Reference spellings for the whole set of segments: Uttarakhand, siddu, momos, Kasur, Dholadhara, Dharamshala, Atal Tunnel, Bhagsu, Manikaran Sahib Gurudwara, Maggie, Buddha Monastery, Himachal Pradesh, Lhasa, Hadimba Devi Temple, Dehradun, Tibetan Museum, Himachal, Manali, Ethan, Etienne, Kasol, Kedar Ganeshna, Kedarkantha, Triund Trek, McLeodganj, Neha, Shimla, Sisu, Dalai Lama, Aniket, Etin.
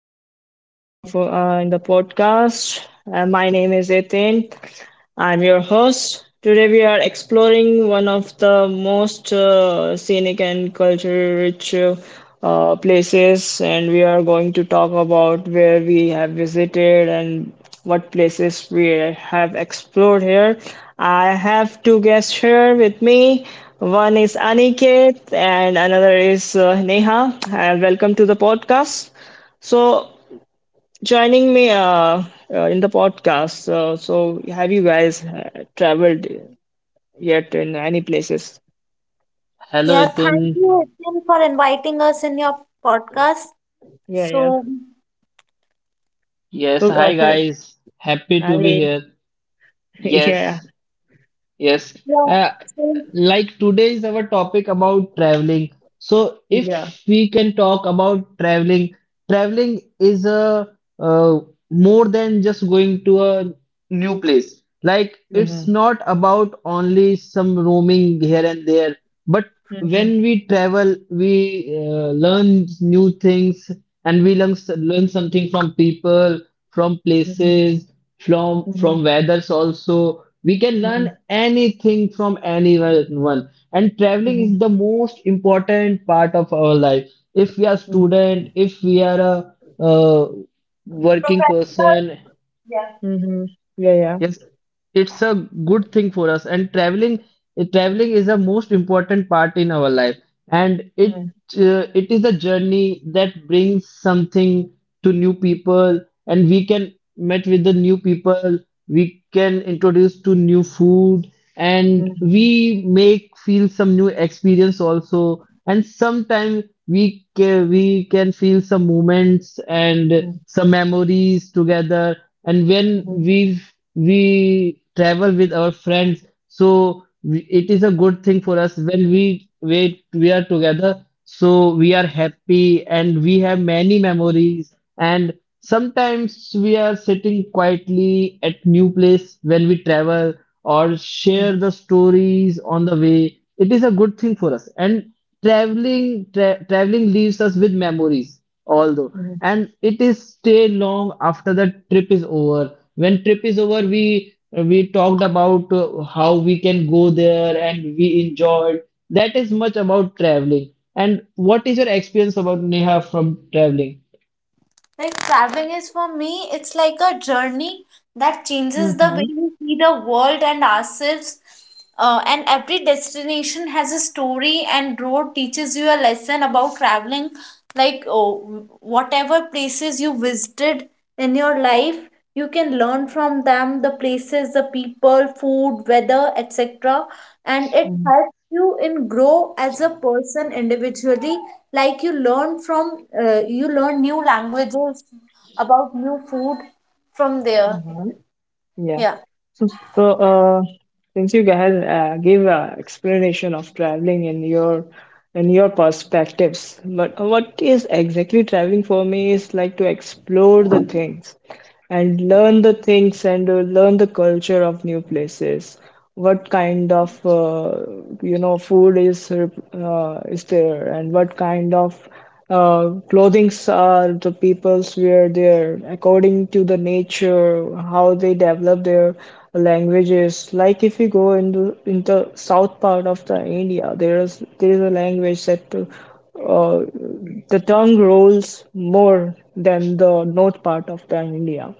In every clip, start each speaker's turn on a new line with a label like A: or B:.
A: everyone. Welcome for in the podcast. My name is Etin, I'm your host. Today we are exploring one of the most scenic and culture rich places, and we are going to talk about where we have visited and what places we have explored here. I have two guests here with me. One is Aniket, and another is Neha. And welcome to the podcast. So, joining me in the podcast. So, have you guys traveled yet in any places?
B: Yeah,
C: Hello,
B: thank
C: Ethan.
B: you, Etienne, for inviting us in your podcast.
A: Yeah, yeah.
B: So,
C: Yes,
A: So,
C: hi guys. Happy to be
A: I,
C: here.
A: yeah,
C: Yes, Yes,
B: yeah,
C: uh,
B: so,
C: like today is our topic about traveling. So,
A: yeah.
C: if we can talk about traveling, traveling is a uh, more than just going to a new place. Like it's
A: Mm-hmm.
C: not about only some roaming here and there, but
A: Mm-hmm.
C: when we travel, we learn new things, and we learn something from people, from
A: Mm-hmm.
C: places, from
A: Mm-hmm.
C: from weathers. Also we can learn anything from anyone, and traveling is
A: Mm-hmm.
C: the most important part of our life. If we are
A: Mm-hmm.
C: student, if we are a uh, working person,
B: yeah.
A: Mm-hmm. Yeah, yeah.
C: yes, it's a good thing for us. And traveling is the most important part in our life, and
A: Mm-hmm.
C: it is a journey that brings something to new people, and we can met with the new people, we can introduce to new food, and
A: Mm-hmm.
C: we make feel some new experience also. And sometimes we can feel some moments and some memories together. And when
A: Mm-hmm.
C: we travel with our friends, so it is a good thing for us when we are together. So we are happy and we have many memories. And sometimes we are sitting quietly at new place when we travel or share the stories on the way. It is a good thing for us. And traveling leaves us with memories, although,
A: Mm-hmm.
C: and it is stay long after the trip is over. When trip is over, we talked about how we can go there and we enjoyed. That is much about traveling. And what is your experience about Neha from traveling?
B: Like traveling is for me, it's like a journey that changes the
A: Mm-hmm.
B: way we see the world and ourselves. And every destination has a story, and road teaches you a lesson about traveling. Like oh, whatever places you visited in your life, you can learn from them the places, the people, food, weather, etc. And it helps you in grow as a person individually like you learn from you learn new languages about new food from there,
A: Mm-hmm.
B: yeah.
A: So, so uh, since you guys give an explanation of traveling in your perspectives, but what is exactly traveling for me is like to explore the things and learn the things and learn the culture of new places, what kind of food is there, and what kind of clothings are the peoples wear there according to the nature, how they develop their languages. Like if you go into in the south part of the India, there is a language that uh, the tongue rolls more than the north part of the India,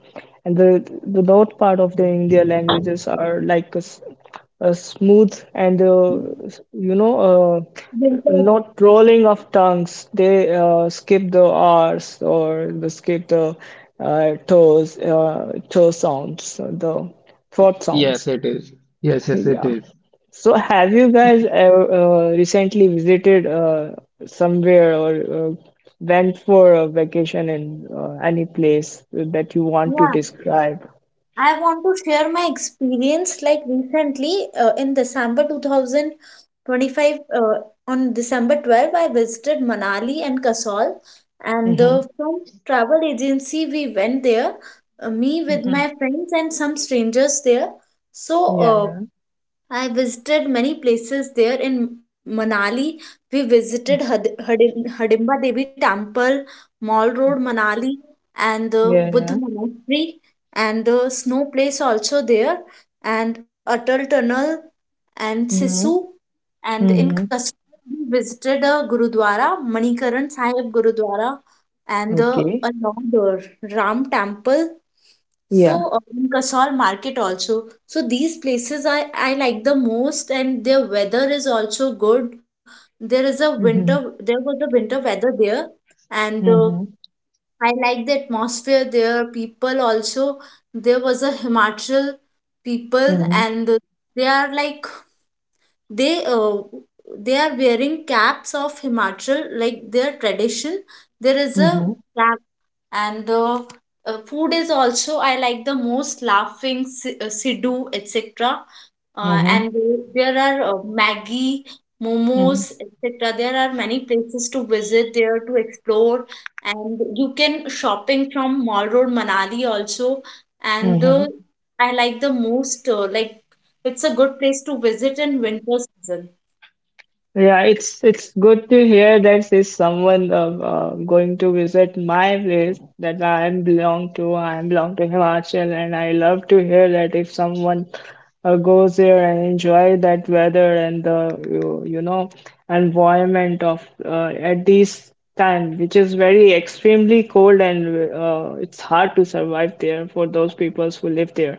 A: and the north part of the India languages are like a smooth and s- you know uh,
B: Because—
A: not rolling of tongues. They skip the r's, or they skip the toe sounds, the throat
C: Yes,
A: sounds.
C: it is. Yes, yes, it
A: Yeah.
C: is.
A: So, have you guys ever recently visited somewhere, or went for a vacation in any place that you want to
B: yeah,
A: describe?
B: I want to share my experience like recently in december 2025, uh, on december 12 I visited Manali and Kasol, and
A: Mm-hmm.
B: the from travel agency we went there, me with
A: Mm-hmm.
B: my friends and some strangers there. So,
A: Yeah,
B: uh,
A: yeah,
B: I visited many places there in Manali. We visited Hadimba Devi Temple, Mall Road, Manali, and the
A: yeah, yeah.
B: Buddha Monastery, and the snow place also there, and Atal Tunnel, and
A: Mm-hmm.
B: Sisu. And
A: Mm-hmm.
B: in Kasur, we visited a Gurudwara, Manikaran Sahib Gurudwara, and the
A: Okay.
B: another Ram Temple. So,
A: Yeah.
B: in Kasol market also. So these places I like the most and their weather is also good. There is a
A: Mm-hmm.
B: winter there was a winter weather there, and
A: Mm-hmm.
B: I like the atmosphere there. People also, there was a Himachal people,
A: Mm-hmm.
B: and they are like they uh, they are wearing caps of Himachal like their tradition. There is a
A: Mm-hmm.
B: cap, and food is also I like the most laughing siddu, etc,
A: Mm-hmm.
B: and there are Maggie, momos, etc. There are many places to visit there to explore, and you can shopping from Mall Road Manali also. And
A: Mm-hmm.
B: I like the most, like it's a good place to visit in winter season.
A: Yeah, it's good to hear that there's someone going to visit my place that I belong to. I belong to Himachal, and I love to hear that if someone goes there and enjoy that weather and the environment of at this time, which is very extremely cold and it's hard to survive there for those peoples who live there.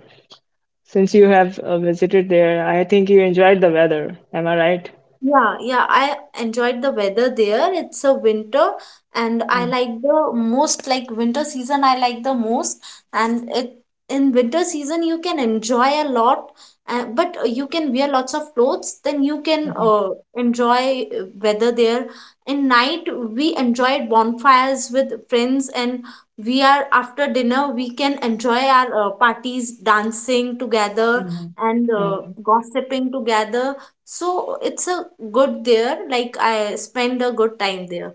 A: Since you have visited there, I think you enjoyed the weather. Am I right?
B: Yeah, yeah, I enjoyed the weather there. It's a winter and I like the most like winter season I like the most. And it in winter season you can enjoy a lot, but you can wear lots of clothes, then you can
A: Mm.
B: enjoy weather there. In night we enjoyed bonfires with friends, and we are after dinner we can enjoy our parties, dancing together
A: Mhm.
B: and
A: Mm.
B: gossiping together. So it's a good there. Like I spend a good time there.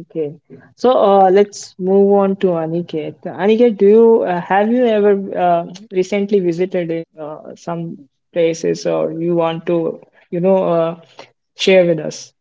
A: Okay. So, let's move on to Aniket. Aniket, do you have you ever recently visited some places, or you want to, you know, uh, share with us?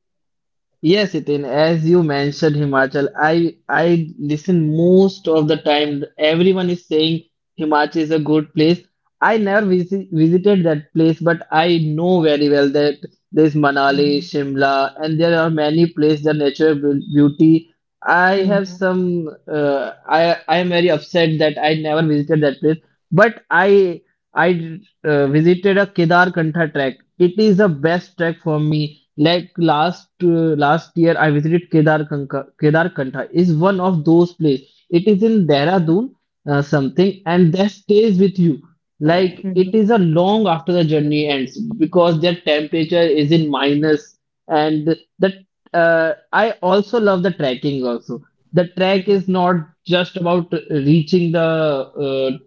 C: Yes, Itin, as you mentioned Himachal, I listen most of the time. Everyone is saying Himachal is a good place. I never visited that place, but I know very well that there's Manali,
A: Mhm.
C: Shimla, and there are many places, the natural beauty. I have
A: Mhm.
C: some, I am very upset that I never visited that place, but I visited a Kedarkantha trek. It is the best trek for me. Like last year, I visited Kedarkantha. Kedarkantha is one of those places. It is in
A: Mhm.
C: Dehradun, something, and that stays with you. Like it
A: Mhm.
C: is a long after the journey ends because their temperature is in minus, and that I also love the trekking also. The trek
A: Mhm.
C: is not just about reaching the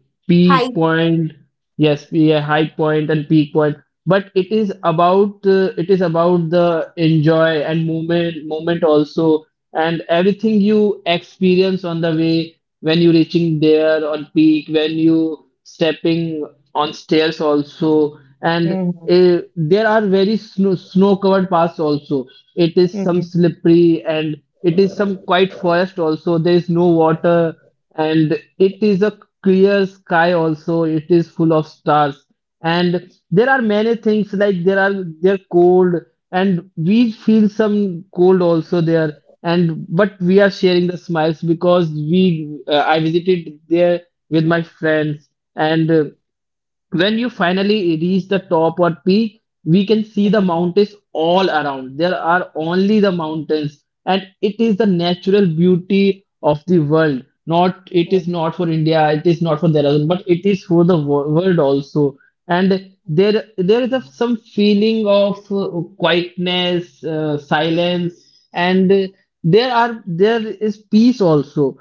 B: Hi.
C: peak point. Yes, be a high point and peak point, but it is about the enjoy and moment also, and everything you experience on the way when you reaching there on peak, when you stepping on stairs also. And
A: Mhm.
C: there are very snow covered paths also. It is some
A: Mhm.
C: slippery, and it is some quiet forest also. There is no water, and it is a clear sky also. It is full of stars, and there are many things. Like there are, they're cold, and we feel some cold also there. And but we are sharing the smiles because we I visited there with my friends. And when you finally reach the top or peak, we can see the
A: Mhm.
C: mountains all around. There are only the mountains, and it is the natural beauty of the world. Not it is not for India, it is not for Dehradun, but it is for the world also. And there is a, some feeling of quietness, silence, and there are, there is peace also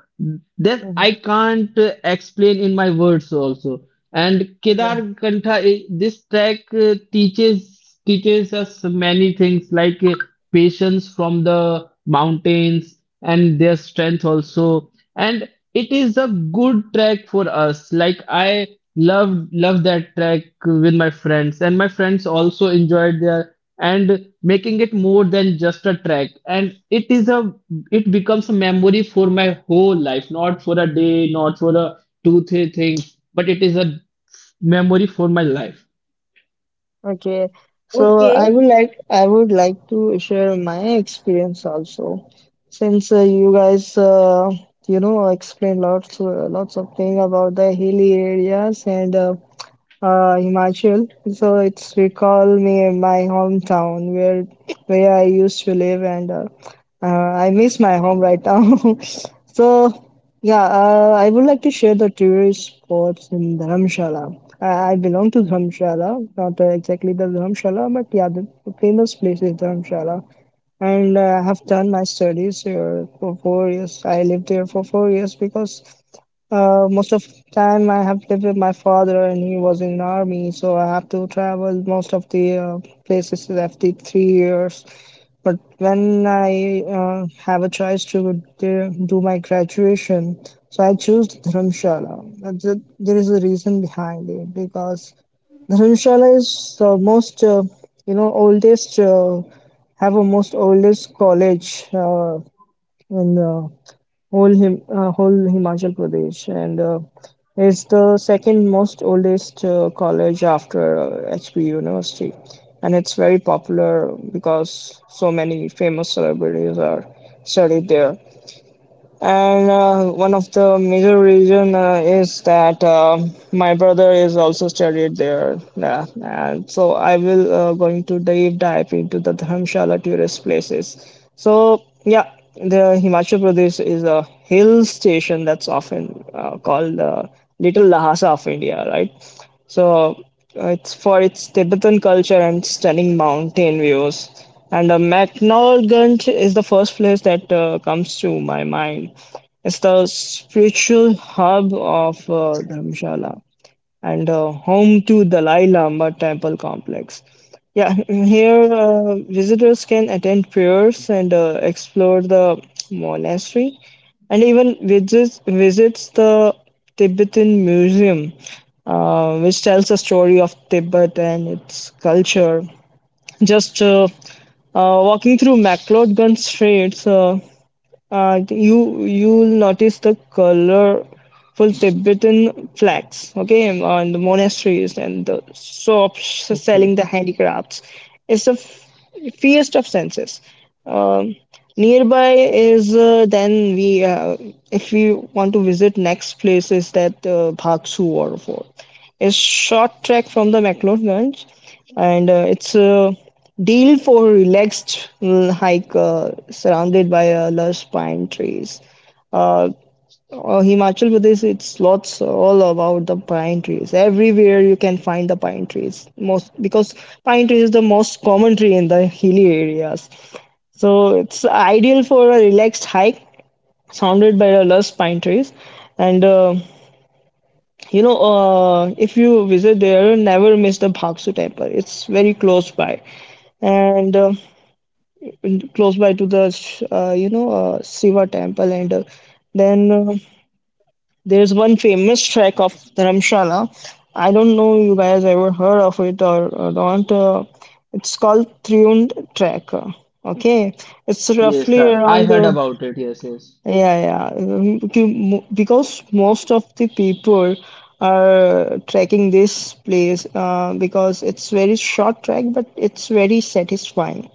C: that I
A: Mhm.
C: can't explain in my words also. And Kedar
A: Mhm.
C: Kantha, eh, this track teaches us many things, like patience from the mountains and their strength also. And it is a good track for us. Like I love that track with my friends, and my friends also enjoyed their and making it more than just a track. And it is a, it becomes a memory for my whole life, not for a day, not for a two three thing, but it is a memory for my life.
A: Okay, so
B: Okay.
A: I would like to share my experience also, since you guys explained lots of thing about the hilly areas and Himachal. So it's recall me my hometown, where I used to live, and I miss my home right now. So yeah, I would like to share the tourist spots in Dharamshala. I belong to Dharamshala, not exactly the Dharamshala, but yeah, the famous place is Dharamshala. And I have done my studies here for 4 years. I lived there for 4 years because most of time I have lived with my father, and he was in army, so I have to travel most of the places after 3 years. But when I have a choice to do my graduation, so I choose Dharamshala. There is a reason behind it, because Dharamshala is the most, oldest, have a most oldest college in whole him whole Himachal Pradesh, and it's the second most oldest college after HP University, and it's very popular because so many famous celebrities are studied there, and one of the major reason is that my brother is also studied there. Yeah. And so I will going to deep dive into the Dharamshala tourist places. So yeah, the Himachal Pradesh is a hill station that's often called little Lhasa of India, right? So, it's for its Tibetan culture and stunning mountain views, and McNaughton is the first place that comes to my mind. It's the spiritual hub of Dharamshala, and home to Dalai Lama temple complex. Yeah, here visitors can attend prayers and explore the monastery, and even visits the Tibetan Museum, which tells the story of Tibet and its culture. Just walking through McLeodgun streets, and you'll notice the colorful Tibetan flags, okay, on the monasteries and the shops
C: Okay.
A: selling the handicrafts. It's a feast of senses. Um, Nearby is, then we, if we want to visit next place is that Bhagsu waterfall. It's short trek from the McLeodganj, and it's a deal for relaxed hike, surrounded by lush pine trees. Uh, Himachal Pradesh, it's lots all about the pine trees. Everywhere you can find the pine trees. Most because pine trees is the most common tree in the hilly areas. So it's ideal for a relaxed hike surrounded by the lush pine trees, and if you visit there, never miss the Bhaksu temple. It's very close by, and close by to the Shiva temple. And then, there's one famous trek of Dharamshala. I don't know you guys ever heard of it, or not. It's called Triund Trek. Okay, it's
C: Yes,
A: roughly
C: I
A: around
C: heard about it. Yes, yes.
A: yeah, yeah. Because most of the people are trekking this place, because it's very short trek, but it's very satisfying.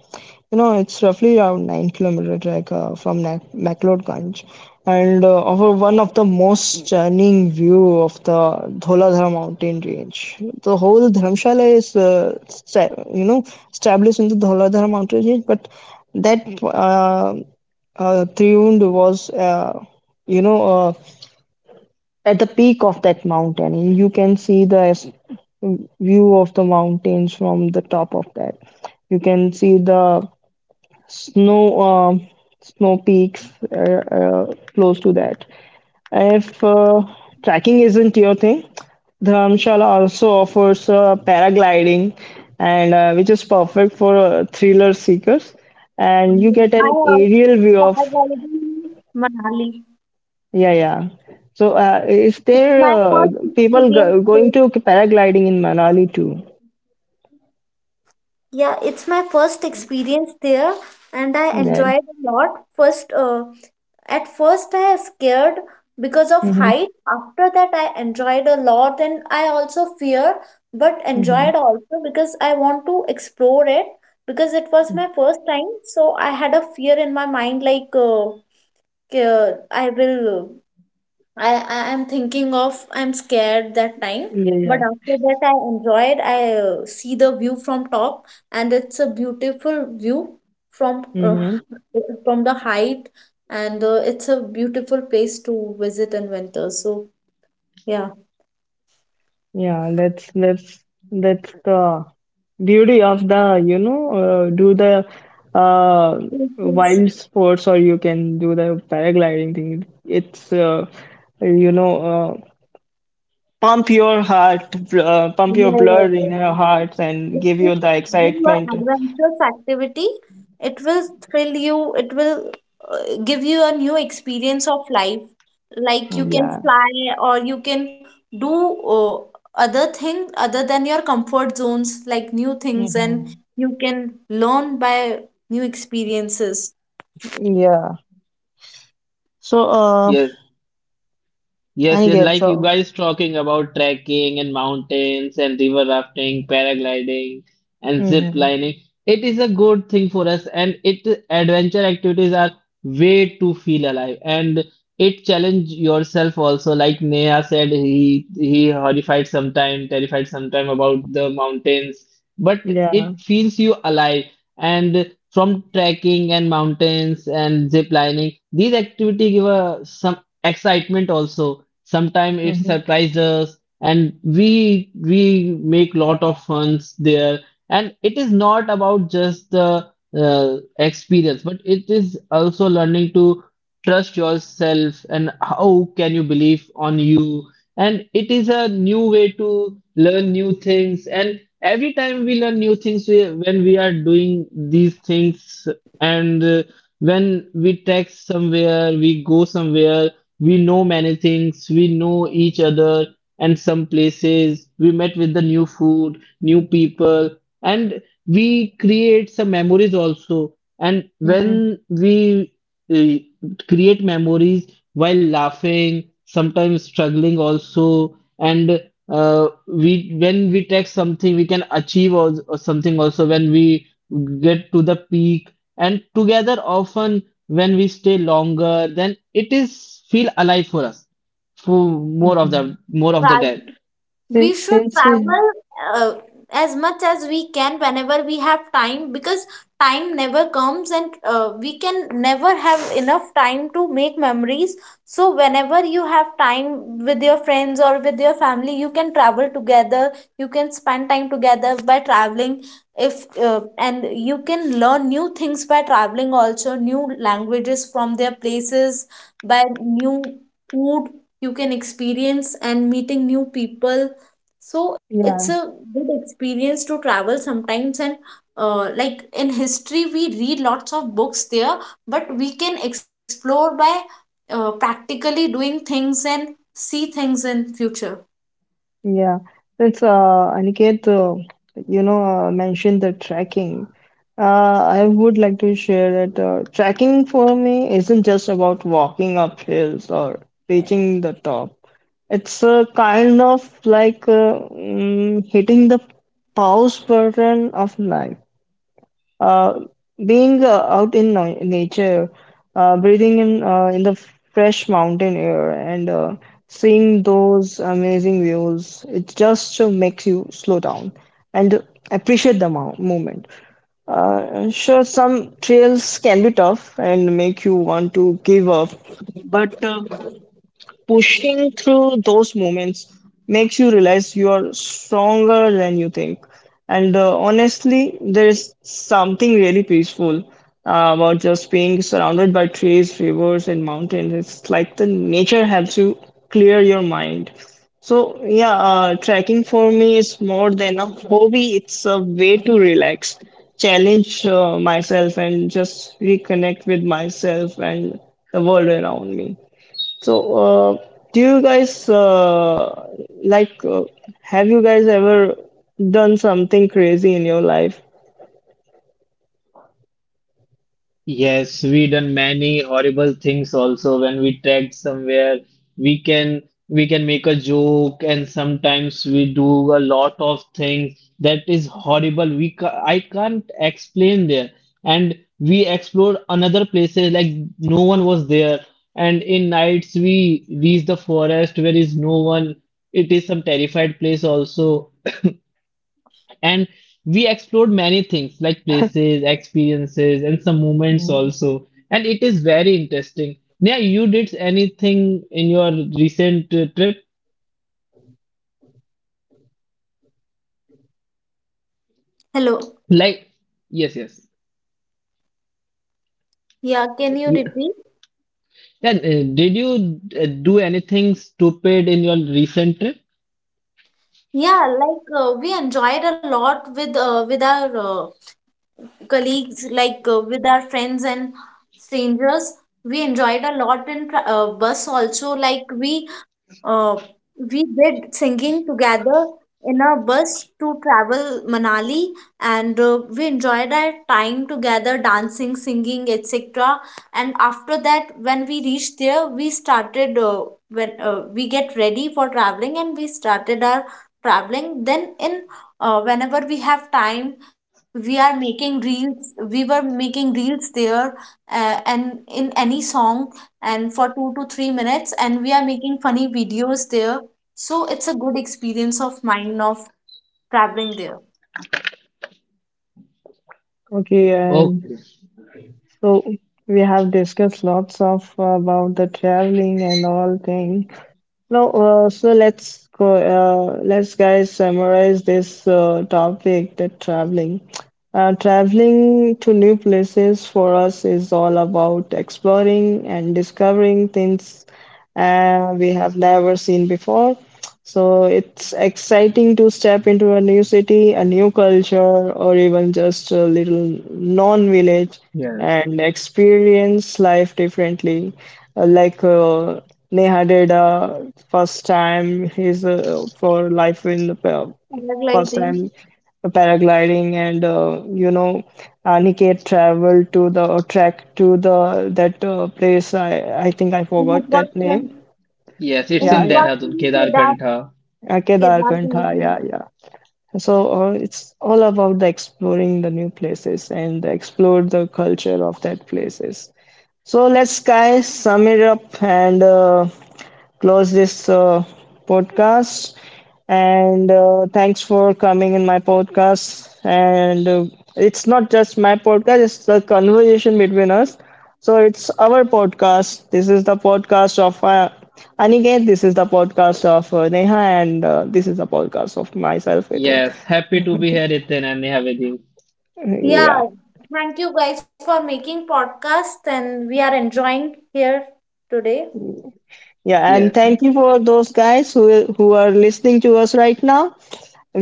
A: You know, it's roughly around 9 kilometer trek from Mac McLeodganj, and offer one of the most stunning view of the Dholadhara mountain range. The whole Dharamshala is, established in the Dholadhara mountain range, but that Triund was, you know, uh, at the peak of that mountain. You can see the view of the mountains from the top of that. You can see the snow, um snow peaks, close to that. If trekking isn't your thing, Dharamshala also offers paragliding, and which is perfect for thriller seekers. And
B: Mm,
A: you get
B: I
A: an aerial view
B: also
A: of.
B: traveled in Manali.
A: Yeah, yeah. So, is
B: It's
A: there
B: my first
A: people
B: experience
A: go going
B: there.
A: to paragliding in Manali too?
B: Yeah, it's my first experience there and I
A: Yeah.
B: enjoyed a lot. At first I was scared because of
A: Mm-hmm.
B: height. After that, I enjoyed a lot and I also fear, but
A: Mm-hmm.
B: enjoyed also because I want to explore it because it was my first time. So I had a fear in my mind like I will, I'm thinking of I'm scared that time,
A: Yeah,
B: but
A: yeah.
B: after that I enjoyed. I see the view from top, and it's a beautiful view from uh,
A: Mm-hmm.
B: from the height, and it's a beautiful place to visit in winter. So yeah.
A: Yeah, that's that's the beauty of the, do the uh,
B: Yes, yes.
A: wild sports, or you can do the paragliding thing. It's you know, uh, pump your heart, pump your
B: Yeah, yeah,
A: blood in your
B: yeah.
A: heart, and
B: If
A: give
B: you
A: you the
B: do
A: excitement.
B: an adventurous activity, it will thrill you, it will give you a new experience of life. Like you
A: Mm,
B: can
A: yeah.
B: fly or you can do other thing other than your comfort zones, like new things, and
A: Mm-hmm.
B: you can learn by new experiences.
A: Yeah. So,
C: Yes, Yes,
A: I
C: yes,
A: get
C: like you
A: so,
C: guys talking about trekking and mountains and river rafting, paragliding and zip
A: mm-hmm.
C: lining. It is a good thing for us, and it, adventure activities are way to feel alive, and it challenge yourself also. Like Neha said, he horrified sometime, terrified sometime about the mountains, but
A: Yeah.
C: it feels you alive. And from trekking and mountains and zip lining, these activity give a some excitement also. Sometimes it
A: Mm-hmm.
C: surprises us, and we make lot of funs there. And it is not about just the experience, but it is also learning to trust yourself and how can you believe on you. And it is a new way to learn new things. And every time we learn new things, when we are doing these things, and when we text somewhere, we go somewhere, we know many things, we know each other and some places. We met with the new food, new people, and we create some memories also. And
A: Mm-hmm.
C: when we uh, create memories while laughing, sometimes struggling also, and we, when we take something, we can achieve, or something also when we get to the peak. And together, often when we stay longer, then it is feel alive for us for
A: Mm-hmm.
C: more of the day.
B: We
A: Since,
B: should
A: since, we-
B: travel uh, as much as we can whenever we have time, because time never comes and we can never have enough time to make memories. So whenever you have time with your friends or with your family, you can travel together, you can spend time together by traveling. If uh, and you can learn new things by traveling also, new languages from their places, by new food you can experience and meeting new people. So it's a
A: yeah,
B: good experience to travel sometimes, and like in history we read lots of books there, but we can explore by practically doing things and see things in future.
A: yeah. Since, Aniket, mentioned the tracking, uh, I would like to share that tracking for me isn't just about walking up hills or reaching the top. It's a kind of like hitting the pause button of life. Uh, being out in na nature, breathing in in the fresh mountain air, and seeing those amazing views, it just makes you slow down and appreciate the mo moment. Sure, some trails can be tough and make you want to give up, but pushing through those moments makes you realize you are stronger than you think. And honestly, there is something really peaceful about just being surrounded by trees, rivers, and mountains. It's like the nature helps you clear your mind. So yeah, trekking for me is more than a hobby, it's a way to relax, challenge myself, and just reconnect with myself and the world around me. So, do you guys like have you guys ever done something crazy in your life?
C: Yes, we done many horrible things also when we tagged somewhere. We can, we can make a joke, and sometimes we do a lot of things that is horrible. We ca I can't explain there. And we explored another places like no one was there. And in nights we reach the forest where is no one. It is some terrified place also. And we explored many things, like places, experiences, and some moments also. And it is very interesting. Yeah, you did anything in your recent trip?
B: Hello,
C: Like, yes, yes.
B: yeah, can you
C: Ye-
B: repeat?
C: Then, did you do anything stupid in your recent trip?
B: Yeah, like we enjoyed a lot with our colleagues, like with our friends and strangers. We enjoyed a lot in bus also. Like uh, we did singing together in a bus to travel Manali, and we enjoyed our time together, dancing, singing, etc. And after that, when we reached there, we started. When we get ready for traveling and we started our traveling, then in whenever we have time we were making reels there, and in any song and for 2 to 3 minutes, and we are making funny videos there. So it's a good experience of mine of traveling there.
A: Okay, and
C: Okay.
A: so we have discussed lots of about the traveling and all thing. No, so let's go. Let's guys summarize this topic. Traveling to new places for us is all about exploring and discovering things we have never seen before. So it's exciting to step into a new city, a new culture, or even just a little non-village
C: Yes.
A: and experience life differently. Like Neha did first time his for life in the first
B: Paragliding
A: time paragliding, and Aniket traveled to the track to the that place. I think I
B: in
A: forgot that
B: Uttarakhand.
A: name.
C: Yes,
B: In
C: it's
A: Yeah,
C: in
A: yeah.
C: Dehradun,
B: Uttarakhand, Kedar,
C: Kedarkantha.
B: Kedar
A: Kedarkantha.
B: Ganeshna.
A: Yeah, yeah. So it's all about the exploring the new places and explore the culture of that places. So let's guys sum it up, and close this podcast. And thanks for coming in my podcast. And it's not just my podcast, it's the conversation between us. So it's our podcast. This is the podcast of Aniket. This is the podcast of Neha. And this is the podcast of myself, Within.
C: Yes, happy to be here, Ethan and Neha with you.
B: Yeah,
A: Yeah.
B: thank you guys for making podcast and we are enjoying here today.
A: Yeah, and
C: Yes,
A: thank
C: yes.
A: you for those guys who are listening to us right now.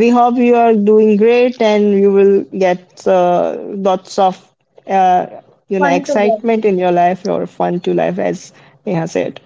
A: We hope you are doing great, and you will get lots of uh,
B: Fun together.
A: excitement in your life or fun to life, as Neha said.